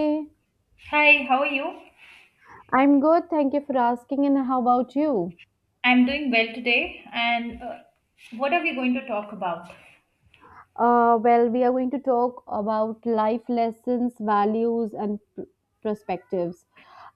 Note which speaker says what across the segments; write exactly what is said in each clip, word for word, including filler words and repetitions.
Speaker 1: Hey,
Speaker 2: Hi, how are you?
Speaker 1: I'm good. Thank you for asking. And how about you?
Speaker 2: I'm doing well today. And uh, what are we going to talk about?
Speaker 1: Uh, well, we are going to talk about life lessons, values, and pr- perspectives.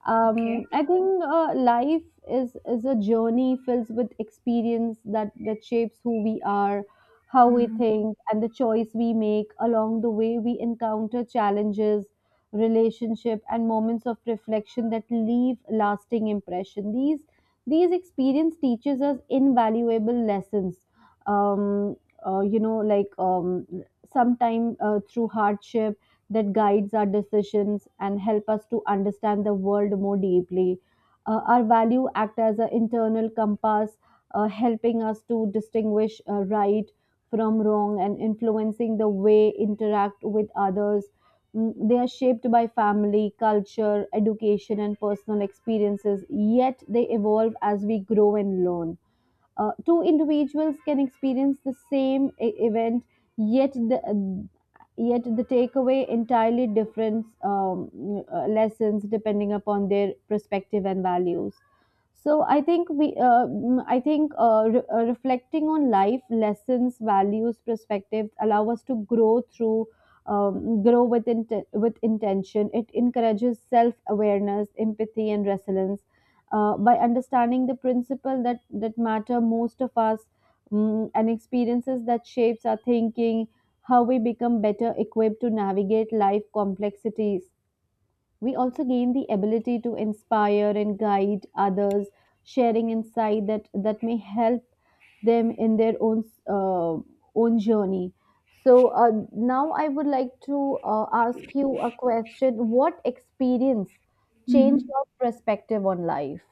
Speaker 1: Um,
Speaker 2: Okay.
Speaker 1: I think uh, life is is a journey filled with experience that that shapes who we are, how we
Speaker 2: hmm
Speaker 1: think, and the choice we make along the way. We encounter challenges, relationship, and moments of reflection that leave lasting impression. These these experience teaches us invaluable lessons um, uh, you know like um, sometime uh, through hardship that guides our decisions and help us to understand the world more deeply. Uh, our value act as an internal compass, uh, helping us to distinguish uh, right from wrong and influencing the way interact with others. Mm, they are shaped by family culture education and personal experiences, yet they evolve as we grow and learn. Uh, two individuals can experience the same e- event, yet the yet the takeaway entirely different um, uh, lessons depending upon their perspective and values. So I think we, uh, mm, I think uh, re- uh, reflecting on life lessons, values, perspectives allow us to grow through, um, grow with inten- with intention. It encourages self awareness, empathy, and resilience uh, by understanding the principle that that matter most of us, mm, and experiences that shapes our thinking, how we become better equipped to navigate life complexities. We also gain the ability to inspire and guide others, sharing insight that that may help them in their own uh, own journey. So uh, now I would like to uh, ask you a question. What experience
Speaker 2: hmm
Speaker 1: changed your perspective on life?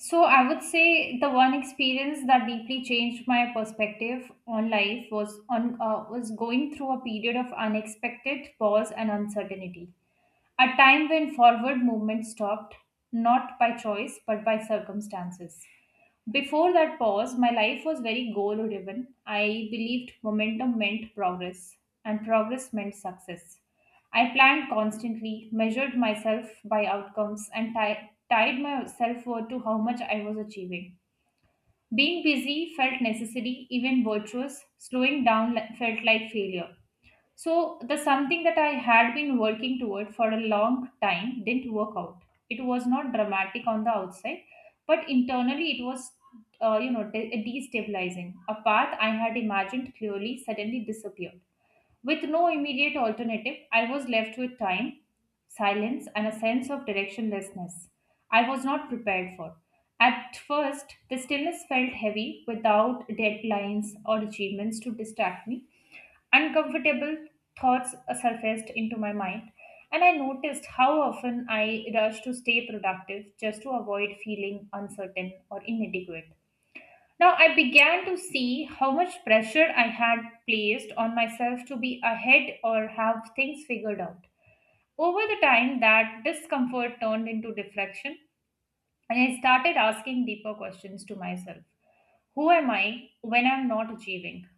Speaker 2: So, I would say the one experience that deeply changed my perspective on life was on uh, was going through a period of unexpected pause and uncertainty. A time when forward movement stopped, not by choice but by circumstances. Before that pause, my life was very goal driven. I believed momentum meant progress, and progress meant success. I planned constantly, measured myself by outcomes, and ti- tied my self worth to how much I was achieving. Being busy felt necessary, even virtuous. Slowing down le- felt like failure. So the something that I had been working toward for a long time didn't work out. It was not dramatic on the outside, but internally it was, uh, you know, de- destabilizing. A path I had imagined clearly suddenly disappeared. With no immediate alternative, I was left with time, silence, and a sense of directionlessness I was not prepared for. At first, the stillness felt heavy without deadlines or achievements to distract me. Uncomfortable thoughts surfaced into my mind, and I noticed how often I rush to stay productive just to avoid feeling uncertain or inadequate. Now, I began to see how much pressure I had placed on myself to be ahead or have things figured out. Over the time, that discomfort turned into reflection, and I started asking deeper questions to myself. Who am I when I'm not achieving?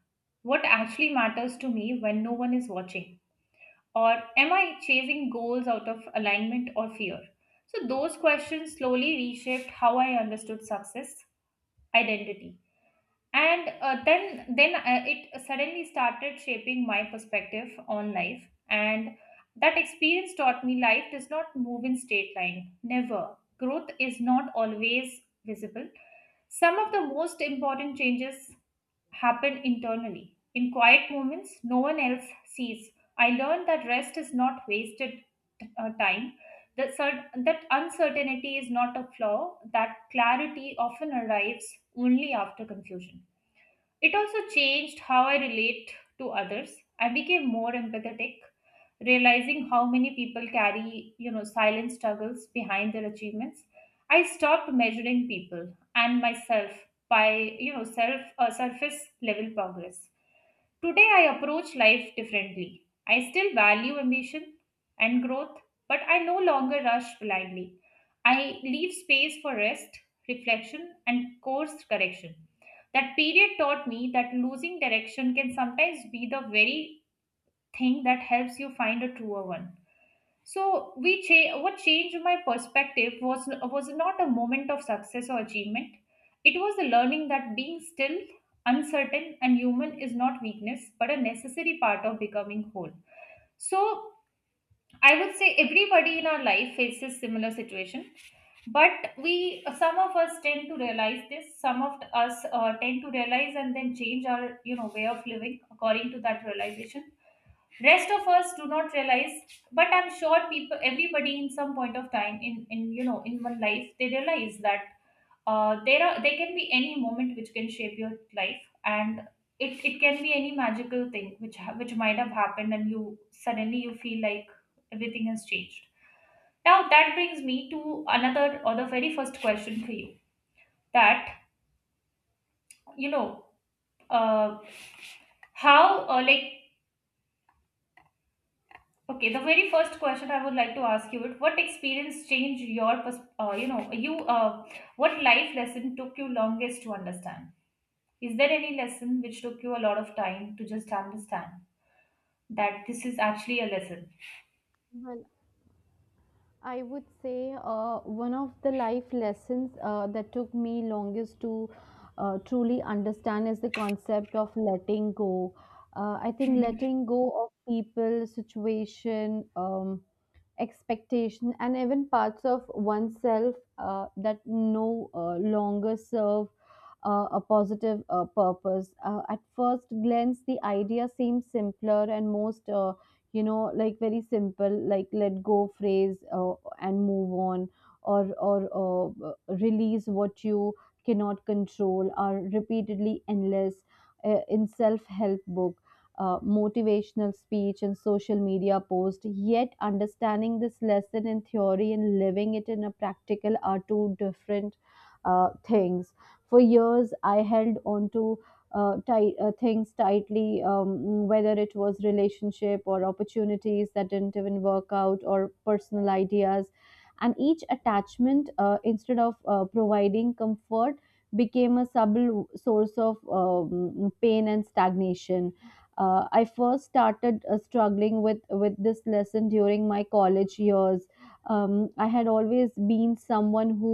Speaker 2: What actually matters to me when no one is watching? Or am I chasing goals out of alignment or fear? So, those questions slowly reshaped how I understood success, identity. And uh, then, then uh, it suddenly started shaping my perspective on life. And that experience taught me life does not move in straight line. Never. Growth is not always visible. Some of the most important changes happen internally. In quiet moments, no one else sees. I learned that rest is not wasted uh, time. That, cer- that uncertainty is not a flaw, that clarity often arrives only after confusion. It also changed how I relate to others. I became more empathetic, realizing how many people carry, you know, silent struggles behind their achievements. I stopped measuring people and myself by, you know, self uh, surface level progress. Today, I approach life differently. I still value ambition and growth, but I no longer rush blindly. I leave space for rest, reflection, and course correction. That period taught me that losing direction can sometimes be the very thing that helps you find a truer one. So we cha- what changed my perspective was was not a moment of success or achievement. It was the learning that being still, uncertain, and human is not weakness, but a necessary part of becoming whole. So I would say everybody in our life faces similar situation, but we some of us tend to realize this. Some of us uh, tend to realize and then change our you know way of living according to that realization. Rest of us do not realize, but I'm sure people, everybody in some point of time in in you know in one life, they realize that uh, there are there can be any moment which can shape your life. And it, it can be any magical thing which ha- which might have happened, and you suddenly you feel like everything has changed. Now that brings me to another or the very first question for you, that you know uh, how uh, like okay, the very first question I would like to ask you is what experience changed your, pers- uh, you know, you, uh, what life lesson took you longest to understand? Is there any lesson which took you a lot of time to just understand that this is actually a lesson?
Speaker 1: Well, I would say uh, one of the life lessons uh, that took me longest to uh, truly understand is the concept of letting go. Uh, I think letting go of people, situation, um, expectation, and even parts of oneself uh, that no uh, longer serve uh, a positive uh, purpose. Uh, at first glance the idea seems simpler and most, uh, you know like very simple like let go phrase, uh, and move on or or uh, release what you cannot control are repeatedly endless uh, in self help book, uh, motivational speech, and social media post. Yet understanding this lesson in theory and living it in a practical are two different uh, things. For years I held on to uh, tight, uh, things tightly, um, whether it was relationship or opportunities that didn't even work out or personal ideas. And each attachment, uh, instead of uh, providing comfort, became a subtle source of um, pain and stagnation. uh, I first started uh, struggling with with this lesson during my college years. um, I had always been someone who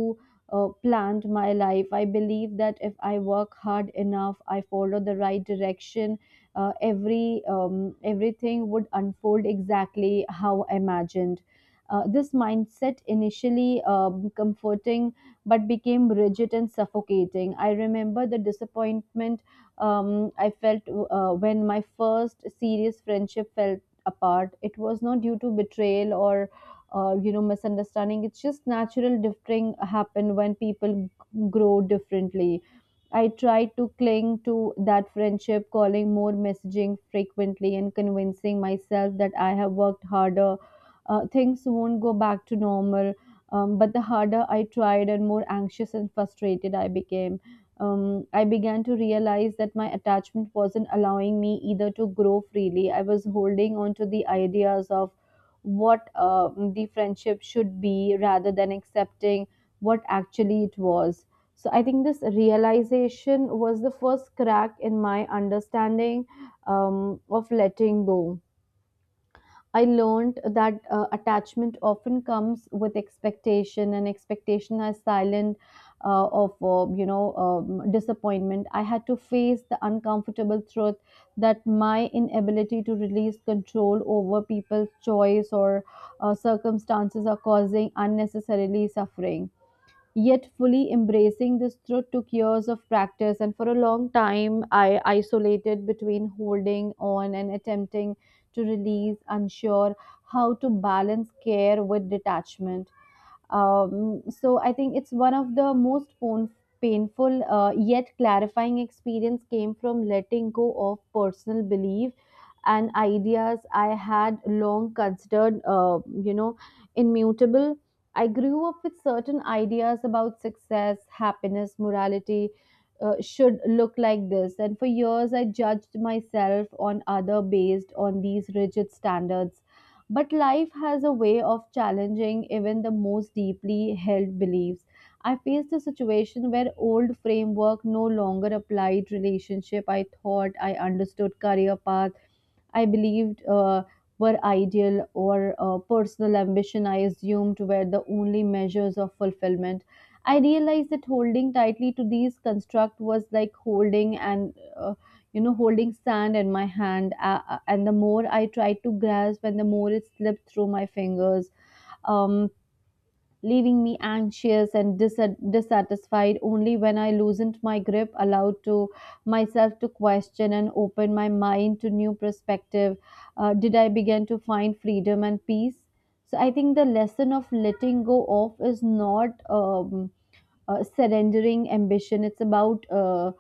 Speaker 1: uh, planned my life. I believe that if I work hard enough, I follow the right direction, uh, every um, everything would unfold exactly how I imagined. Uh, this mindset initially um, comforting but became rigid and suffocating. I remember the disappointment um, I felt uh, when my first serious friendship fell apart. It was not due to betrayal or uh, you know misunderstanding. It's just natural differing happen when people g- grow differently. I tried to cling to that friendship, calling more messaging frequently and convincing myself that I have worked harder. Uh, things won't go back to normal. Um, but the harder I tried and more anxious and frustrated I became, um, I began to realize that my attachment wasn't allowing me either to grow freely. I was holding on to the ideas of what uh, the friendship should be rather than accepting what actually it was. So I think this realization was the first crack in my understanding um, of letting go. I learned that uh, attachment often comes with expectation, and expectation is silent uh, of uh, you know um, disappointment. I had to face the uncomfortable truth that my inability to release control over people's choice or uh, circumstances are causing unnecessarily suffering. Yet, fully embracing this truth took years of practice, and for a long time, I isolated between holding on and attempting to release, unsure how to balance care with detachment. Um, so I think it's one of the most pain- painful uh, yet clarifying experience came from letting go of personal belief and ideas I had long considered, uh, you know, immutable. I grew up with certain ideas about success, happiness, morality. Uh, should look like this, and for years I judged myself on other based on these rigid standards, but life has a way of challenging even the most deeply held beliefs. I faced a situation where old framework no longer applied, relationship I thought I understood, career path I believed uh, were ideal, or uh, personal ambition I assumed were the only measures of fulfillment. I realized that holding tightly to these construct was like holding and uh, you know holding sand in my hand, uh, uh, and the more I tried to grasp and the more it slipped through my fingers, um, leaving me anxious and dissat- dissatisfied. Only when I loosened my grip, allowed to myself to question and open my mind to new perspective. Uh, did I begin to find freedom and peace? So I think the lesson of letting go off is not um, uh, surrendering ambition, it's about uh,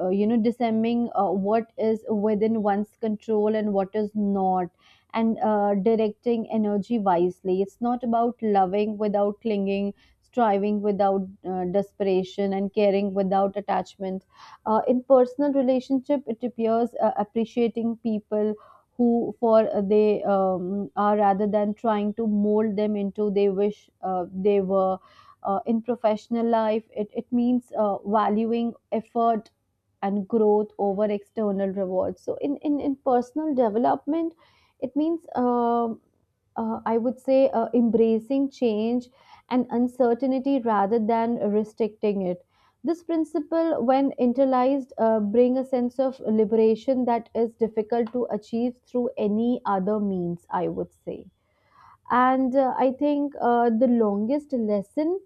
Speaker 1: uh, you know discerning uh, what is within one's control and what is not, and uh, directing energy wisely. It's not about loving without clinging, striving without uh, desperation, and caring without attachment. Uh, in personal relationship it appears uh, appreciating people who for uh, they um, are, rather than trying to mold them into they wish uh, they were. Uh, in professional life it, it means uh, valuing effort and growth over external rewards. So in in, in personal development it means um uh, I would say uh, embracing change and uncertainty rather than restricting it. This principle, when internalized, uh, bring a sense of liberation that is difficult to achieve through any other means, I would say. And uh, I think uh, the longest lesson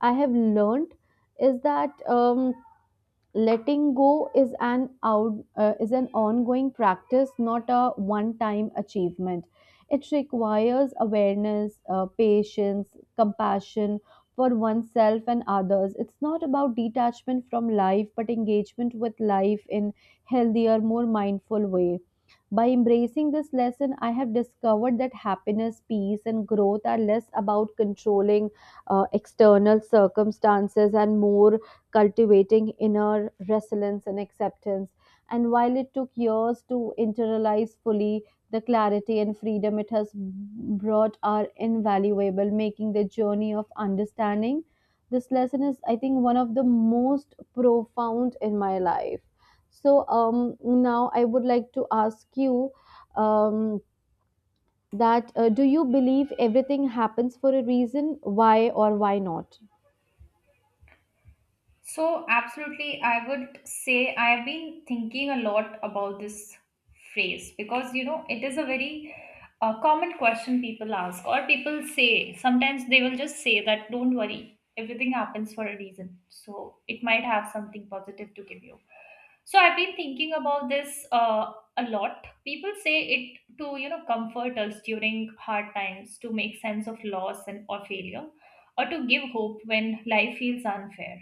Speaker 1: I have learned is that um, letting go is an out uh, is an ongoing practice, not a one-time achievement. It requires awareness, uh, patience, compassion for oneself and others. It's not about detachment from life, but engagement with life in healthier, more mindful ways. By embracing this lesson, I have discovered that happiness, peace, and growth are less about controlling uh, external circumstances and more cultivating inner resilience and acceptance. And while it took years to internalize fully, the clarity and freedom it has brought are invaluable, making the journey of understanding. This lesson is, I think, one of the most profound in my life. So um, now I would like to ask you um, that uh, do you believe everything happens for a reason? Why or why not?
Speaker 2: So, absolutely, I would say I have been thinking a lot about this phrase because you know it is a very uh, common question people ask, or people say sometimes they will just say that don't worry, everything happens for a reason, so it might have something positive to give you. So, I've been thinking about this uh, a lot. People say it to you know comfort us during hard times, to make sense of loss and or failure, or to give hope when life feels unfair.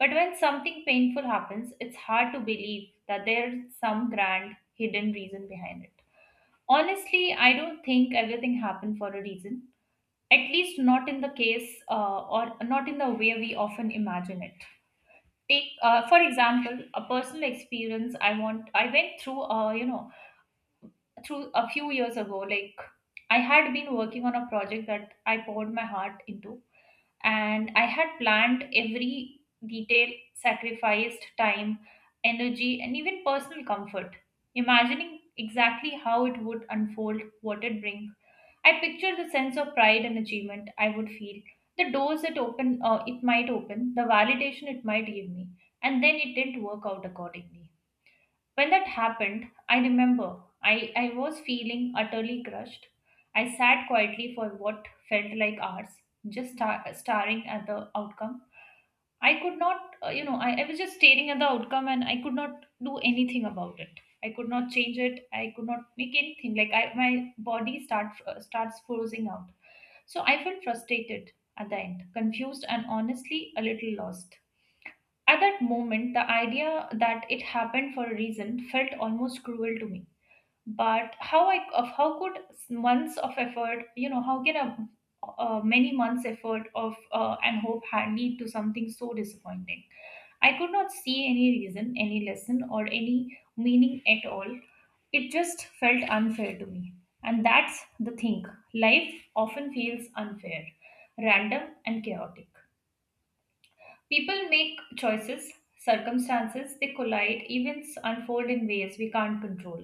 Speaker 2: But when something painful happens, it's hard to believe that there's some grand hidden reason behind it. Honestly, I don't think everything happened for a reason, at least not in the case uh, or not in the way we often imagine it. Take, uh, for example, a personal experience I want I went through, uh, you know, through a few years ago. Like I had been working on a project that I poured my heart into, and I had planned every detail, sacrificed time, energy, and even personal comfort, imagining exactly how it would unfold, what it bring. I pictured the sense of pride and achievement I would feel, the doors it open, uh, it might open, the validation it might give me, and then it didn't work out accordingly. When that happened, I remember I, I was feeling utterly crushed. I sat quietly for what felt like hours, just star- staring at the outcome. I could not, uh, you know, I, I was just staring at the outcome and I could not do anything about it. I could not change it. I could not make anything. Like I, my body start, uh, starts frozen out. So I felt frustrated at the end, confused, and honestly a little lost. At that moment, the idea that it happened for a reason felt almost cruel to me. But how I of how could months of effort, you know, how can a uh, many months effort of uh, and hope had lead to something so disappointing? I could not see any reason, any lesson, or any meaning at all. It just felt unfair to me. And that's the thing. Life often feels unfair, random, and chaotic. People make choices, circumstances, they collide, events unfold in ways we can't control.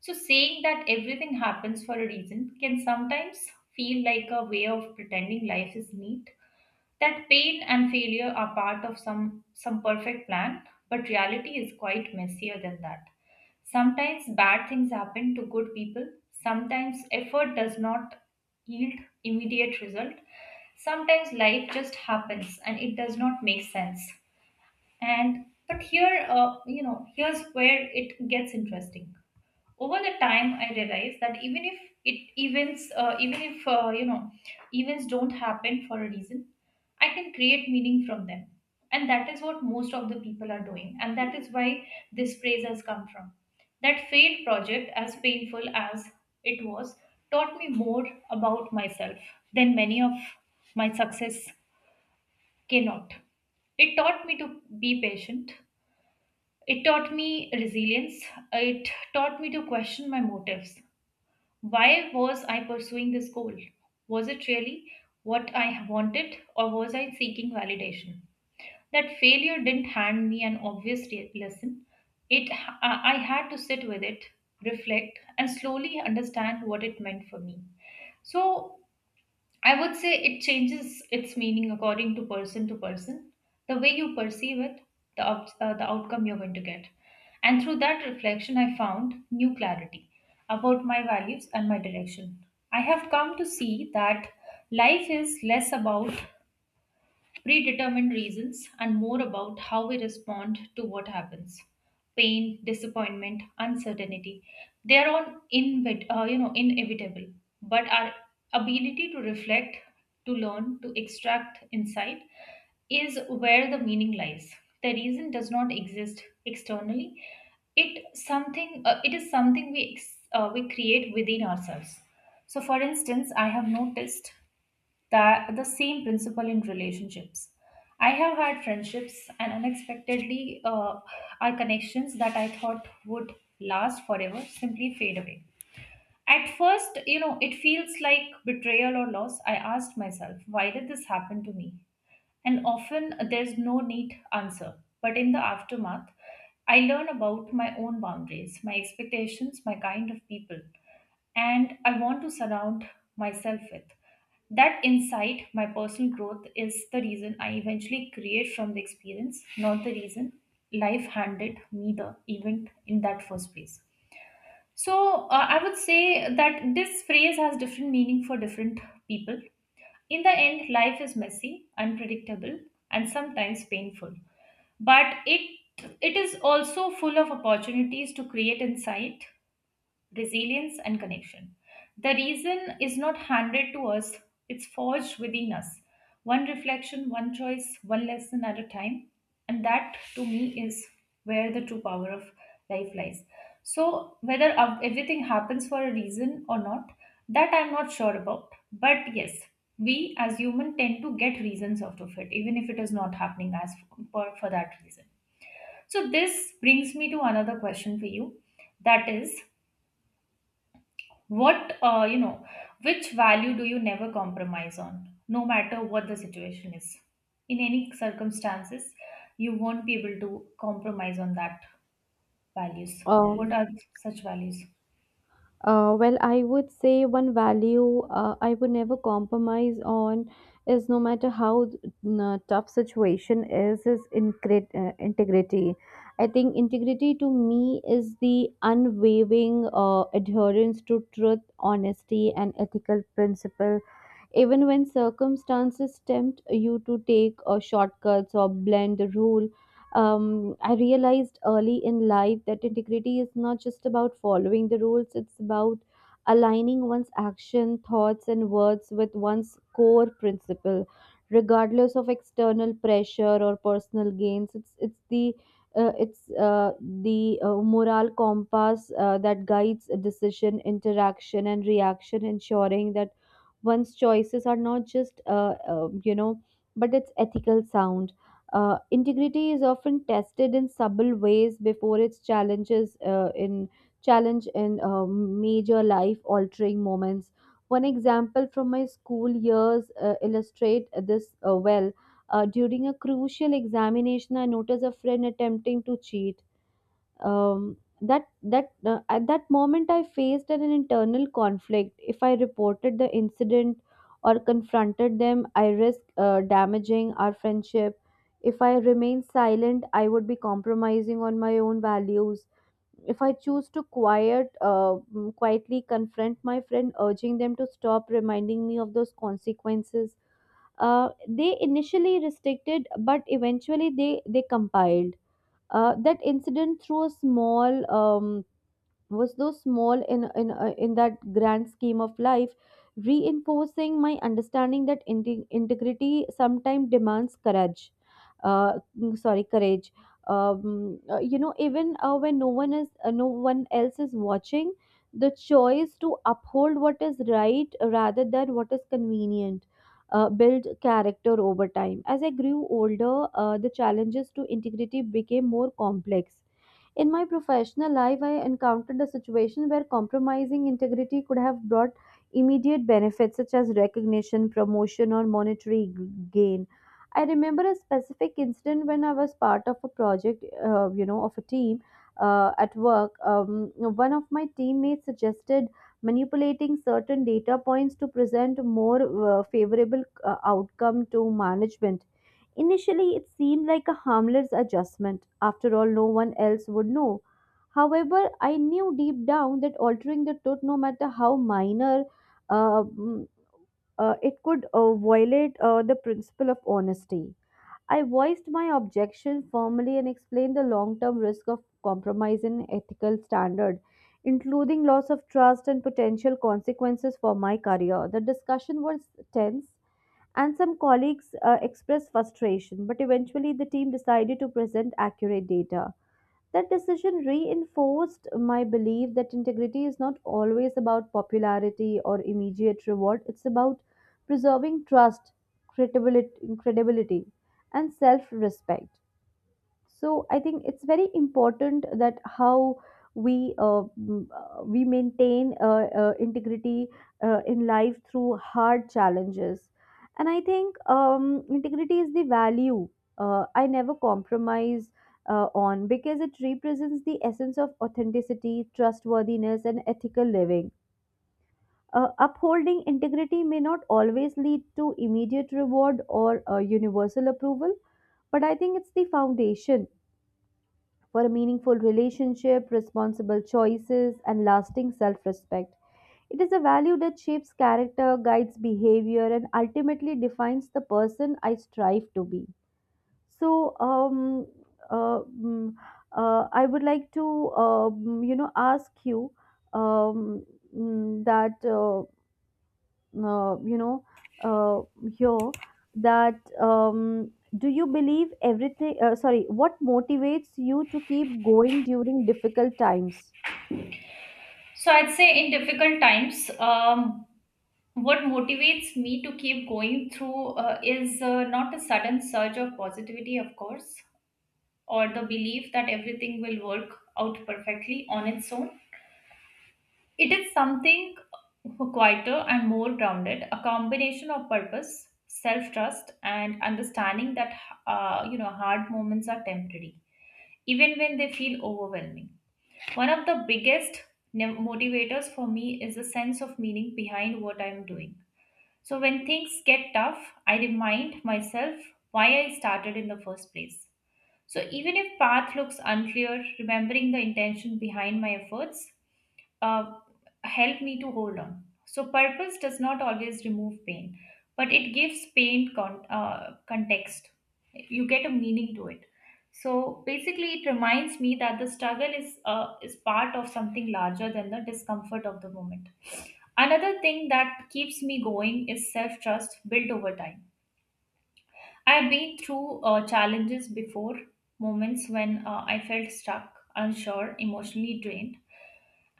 Speaker 2: So, saying that everything happens for a reason can sometimes feel like a way of pretending life is neat, that pain and failure are part of some, some perfect plan, but reality is quite messier than that. Sometimes bad things happen to good people, sometimes effort does not yield immediate result, sometimes life just happens and it does not make sense. And but here, uh, you know, here's where it gets interesting. Over the time, I realized that even if it events uh, even if uh, you know events don't happen for a reason, I can create meaning from them, and that is what most of the people are doing, and that is why this phrase has come from. That failed project, as painful as it was, taught me more about myself than many of my success cannot. It taught me to be patient, it taught me resilience, it taught me to question my motives. Why was I pursuing this goal? Was it really what I wanted, or was I seeking validation? That failure didn't hand me an obvious re- lesson. It, I I had to sit with it, reflect, and slowly understand what it meant for me. So I would say it changes its meaning according to person to person, the way you perceive it, the, ob- uh, the outcome you're going to get. And through that reflection, I found new clarity about my values and my direction. I have come to see that life is less about predetermined reasons, and more about how we respond to what happens. Pain, disappointment, uncertainty, they are all invet, uh, you know, inevitable. But our ability to reflect, to learn, to extract insight is where the meaning lies. The reason does not exist externally. It something uh, it is something we ex- uh, we create within ourselves. So, for instance, I have noticed that the same principle in relationships, I have had friendships and unexpectedly uh, our connections that I thought would last forever simply fade away. At first, you know, it feels like betrayal or loss. I asked myself, why did this happen to me? And often uh, there's no neat answer. But in the aftermath, I learn about my own boundaries, my expectations, my kind of people, and I want to surround myself with. That insight, my personal growth, is the reason I eventually create from the experience, not the reason life handed me the event in that first place. So, uh, I would say that this phrase has different meaning for different people. In the end, life is messy, unpredictable, and sometimes painful. But it it is also full of opportunities to create insight, resilience, and connection. The reason is not handed to us, it's forged within us. One reflection, one choice, one lesson at a time. And that to me is where the true power of life lies. So, whether ev- everything happens for a reason or not, that I'm not sure about. But yes, we as human tend to get reasons out of it, even if it is not happening as for, for that reason. So, this brings me to another question for you that is what, uh, you know, which value do you never compromise on, no matter what the situation is? In any circumstances, you won't be able to compromise on that values. What
Speaker 1: Um,
Speaker 2: are such values?
Speaker 1: uh, well, I would say one value uh, I would never compromise on is, no matter how uh, tough situation is, is incre- uh, integrity. I think integrity to me is the unwavering uh, adherence to truth, honesty, and ethical principle, even when circumstances tempt you to take uh, shortcuts or blend the rule. Um, I realized early in life that integrity is not just about following the rules, it's about aligning one's action, thoughts, and words with one's core principle. Regardless of external pressure or personal gains, it's it's the uh, it's uh, the uh, moral compass uh, that guides a decision, interaction, and reaction, ensuring that one's choices are not just uh, uh, you know but it's ethical sound. Uh, integrity is often tested in subtle ways before its challenges uh, in challenge in uh, major life altering moments. One example from my school years uh, illustrate this uh, well. Uh, during a crucial examination I noticed a friend attempting to cheat. Um, that that uh, At that moment I faced an internal conflict. If I reported the incident or confronted them, I risk uh, damaging our friendship. If I remain silent, I would be compromising on my own values. If I choose to quiet uh, mm, quietly confront my friend, urging them to stop, reminding me of those consequences, uh, they initially restricted, but eventually they they compiled. Uh, that incident through a small, um, was so small in in uh, in that grand scheme of life, reinforcing my understanding that inte- integrity sometimes demands courage, uh, mm, sorry courage. Um, uh, you know even uh, when no one is uh, no one else is watching, the choice to uphold what is right rather than what is convenient uh, build character over time. As I grew older, uh, the challenges to integrity became more complex. In my professional life, I encountered a situation where compromising integrity could have brought immediate benefits such as recognition, promotion, or monetary g- gain. I remember a specific incident when I was part of a project, uh, you know, of a team uh, at work. Um, one of my teammates suggested manipulating certain data points to present a more uh, favorable uh, outcome to management. Initially, it seemed like a harmless adjustment. After all, no one else would know. However, I knew deep down that altering the tooth, no matter how minor, uh, mm, uh, it could uh, violate uh, the principle of honesty. I voiced my objection firmly and explained the long term risk of compromise in ethical standard, including loss of trust and potential consequences for my career. The discussion was tense, and some colleagues uh, expressed frustration, but eventually the team decided to present accurate data. That decision reinforced my belief that integrity is not always about popularity or immediate reward. It's about preserving trust, credibility, credibility and self respect. So I think it's very important that how we uh, m- uh, we maintain uh, uh, integrity uh, in life through hard challenges. And I think um, integrity is the value uh, I never compromise uh, on, because it represents the essence of authenticity, trustworthiness and ethical living. Uh, upholding integrity may not always lead to immediate reward or uh, universal approval, but I think it's the foundation for a meaningful relationship, responsible choices, and lasting self respect. It is a value that shapes character, guides behavior, and ultimately defines the person I strive to be. So, um, uh, mm, uh, I would like to, um, you know, ask you um, mm, that. Uh, uh, you know, uh, here that um, do you believe everything uh, sorry, what motivates you to keep going during difficult times?
Speaker 2: So I'd say in difficult times, um, what motivates me to keep going through uh, is uh, not a sudden surge of positivity, of course, or the belief that everything will work out perfectly on its own. It is something quieter and more grounded, a combination of purpose, self-trust, and understanding that uh, you know hard moments are temporary, even when they feel overwhelming. One of the biggest ne- motivators for me is the sense of meaning behind what I am doing. So when things get tough, I remind myself why I started in the first place. So even if path looks unclear, remembering the intention behind my efforts uh, help me to hold on. So, purpose does not always remove pain, but it gives pain con- uh, context. You get a meaning to it. So, basically, it reminds me that the struggle is uh, is part of something larger than the discomfort of the moment. Another thing that keeps me going is self trust built over time. I've been through uh, challenges before, moments when uh, I felt stuck, unsure, emotionally drained,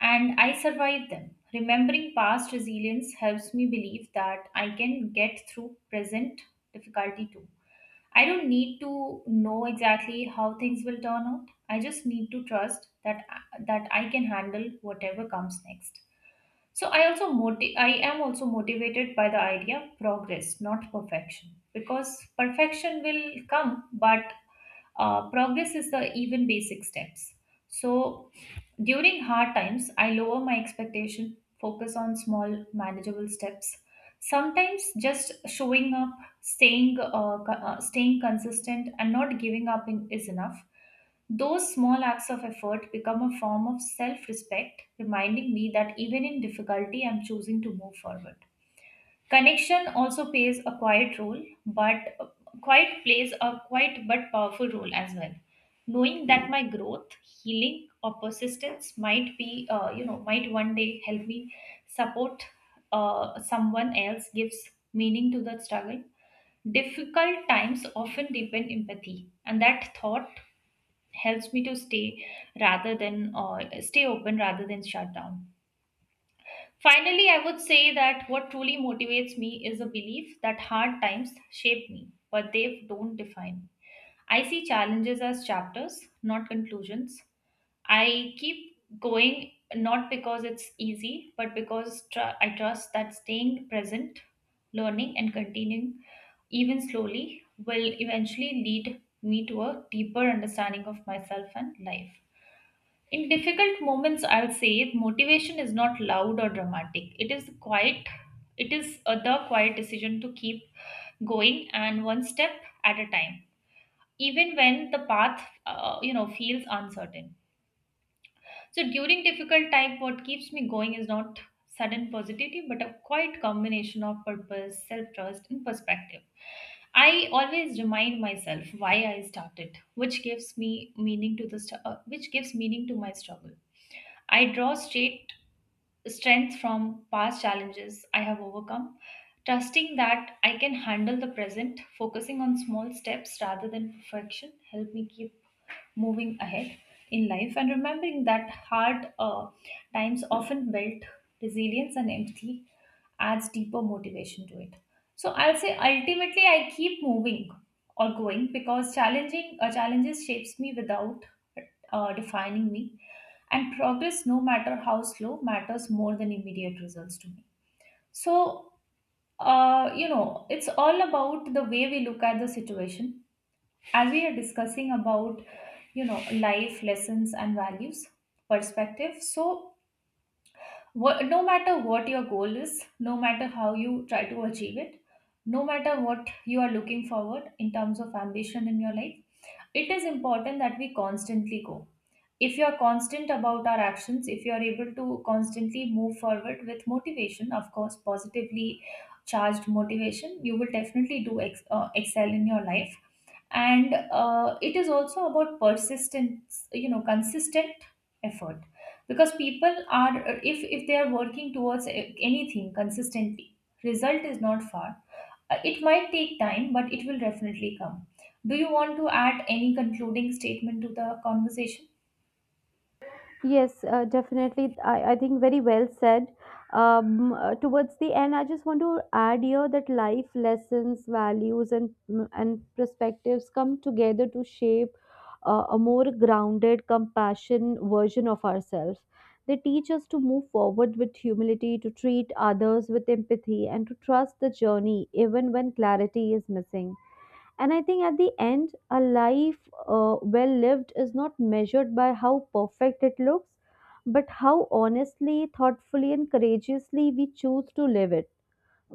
Speaker 2: and I survived them. Remembering past resilience helps me believe that I can get through present difficulty too. I don't need to know exactly how things will turn out. I just need to trust that that I can handle whatever comes next. So I also moti- I am also motivated by the idea of progress, not perfection, because perfection will come, but uh, progress is the even basic steps. So during hard times, I lower my expectation, focus on small, manageable steps. Sometimes just showing up, staying, uh, co- uh, staying consistent, and not giving up in, is enough. Those small acts of effort become a form of self respect, reminding me that even in difficulty, I'm choosing to move forward. Connection also plays a quiet role, but quiet plays a quiet but powerful role as well. Knowing that my growth, healing, or persistence might be, uh, you know, might one day help me support uh, someone else gives meaning to the struggle. Difficult times often deepen empathy, and that thought helps me to stay rather than uh, stay open rather than shut down. Finally, I would say that what truly motivates me is a belief that hard times shape me, but they don't define me. I see challenges as chapters, not conclusions. I keep going not because it's easy, but because tr- I trust that staying present, learning, and continuing even slowly will eventually lead me to a deeper understanding of myself and life. In difficult moments, I'll say motivation is not loud or dramatic. It is quiet. It is a, the quiet decision to keep going and one step at a time, even when the path, uh, you know, feels uncertain. So during difficult time, what keeps me going is not sudden positivity, but a quiet combination of purpose, self-trust, and perspective. I always remind myself why I started, which gives me meaning to the st- uh, which gives meaning to my struggle. I draw straight strength from past challenges I have overcome, trusting that I can handle the present, focusing on small steps rather than perfection, help me keep moving ahead in life, and remembering that hard uh, times often build resilience and empathy adds deeper motivation to it. So I'll say ultimately I keep moving or going because challenging uh, challenges shapes me without uh, defining me, and progress no matter how slow matters more than immediate results to me. So uh, you know it's all about the way we look at the situation. As we are discussing about, you know, life lessons and values, perspective, so wha- no matter what your goal is, no matter how you try to achieve it, no matter what you are looking forward in terms of ambition in your life, it is important that we constantly go. If you are constant about our actions, if you are able to constantly move forward with motivation, of course positively charged motivation, you will definitely do ex- uh, excel in your life. And uh, it is also about persistence, you know, consistent effort, because people are, if if they are working towards uh, anything consistently, result is not far. uh, It might take time, but it will definitely come. Do you want to add any concluding statement to the conversation?
Speaker 1: Yes, uh, definitely. I, I think very well said. Um, uh, towards the end, I just want to add here that life lessons, values, and mm, and perspectives come together to shape uh, a more grounded, compassion version of ourselves. They teach us to move forward with humility, to treat others with empathy, and to trust the journey even when clarity is missing. And I think at the end, a life uh, well lived is not measured by how perfect it looks, but how honestly, thoughtfully, and courageously we choose to live it,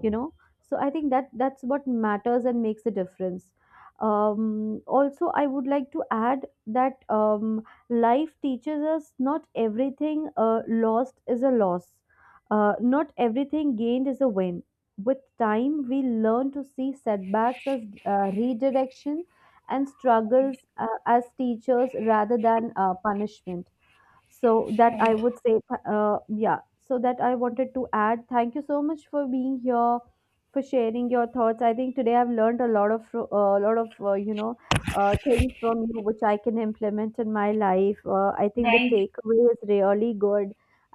Speaker 1: you know. So I think that that's what matters and makes the difference. Um, also, I would like to add that um, life teaches us not everything uh, lost is a loss, uh, not everything gained is a win. With time, we learn to see setbacks as uh, redirection and struggles uh, as teachers rather than uh, punishment. So that I
Speaker 2: Right,
Speaker 1: would say. Uh, yeah, so that I wanted to add. Thank you so much for being here, for sharing your thoughts. I think today I've learned a lot of uh, a lot of uh, you know, uh, things from you which I can implement in my life. uh, I think the
Speaker 2: right,
Speaker 1: takeaway is really good.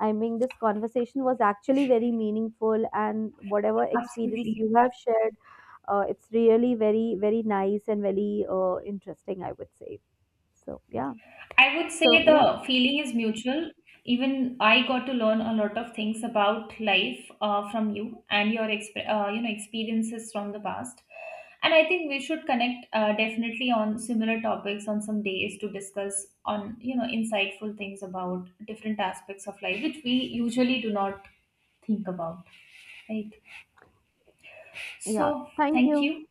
Speaker 1: I mean, this conversation was actually very meaningful, and whatever experience
Speaker 2: absolutely.
Speaker 1: you have shared, uh, it's really very very nice and very uh, interesting, I would say. So yeah.
Speaker 2: I would
Speaker 1: So
Speaker 2: say
Speaker 1: yeah.
Speaker 2: the feeling is mutual. Even I got to learn a lot of things about life uh, from you and your exp- uh, you know experiences from the past. And I think we should connect uh, definitely on similar topics on some days to discuss on, you know, insightful things about different aspects of life which we usually do not think about. Right.
Speaker 1: Yeah,
Speaker 2: So
Speaker 1: thank
Speaker 2: thank
Speaker 1: you.
Speaker 2: you.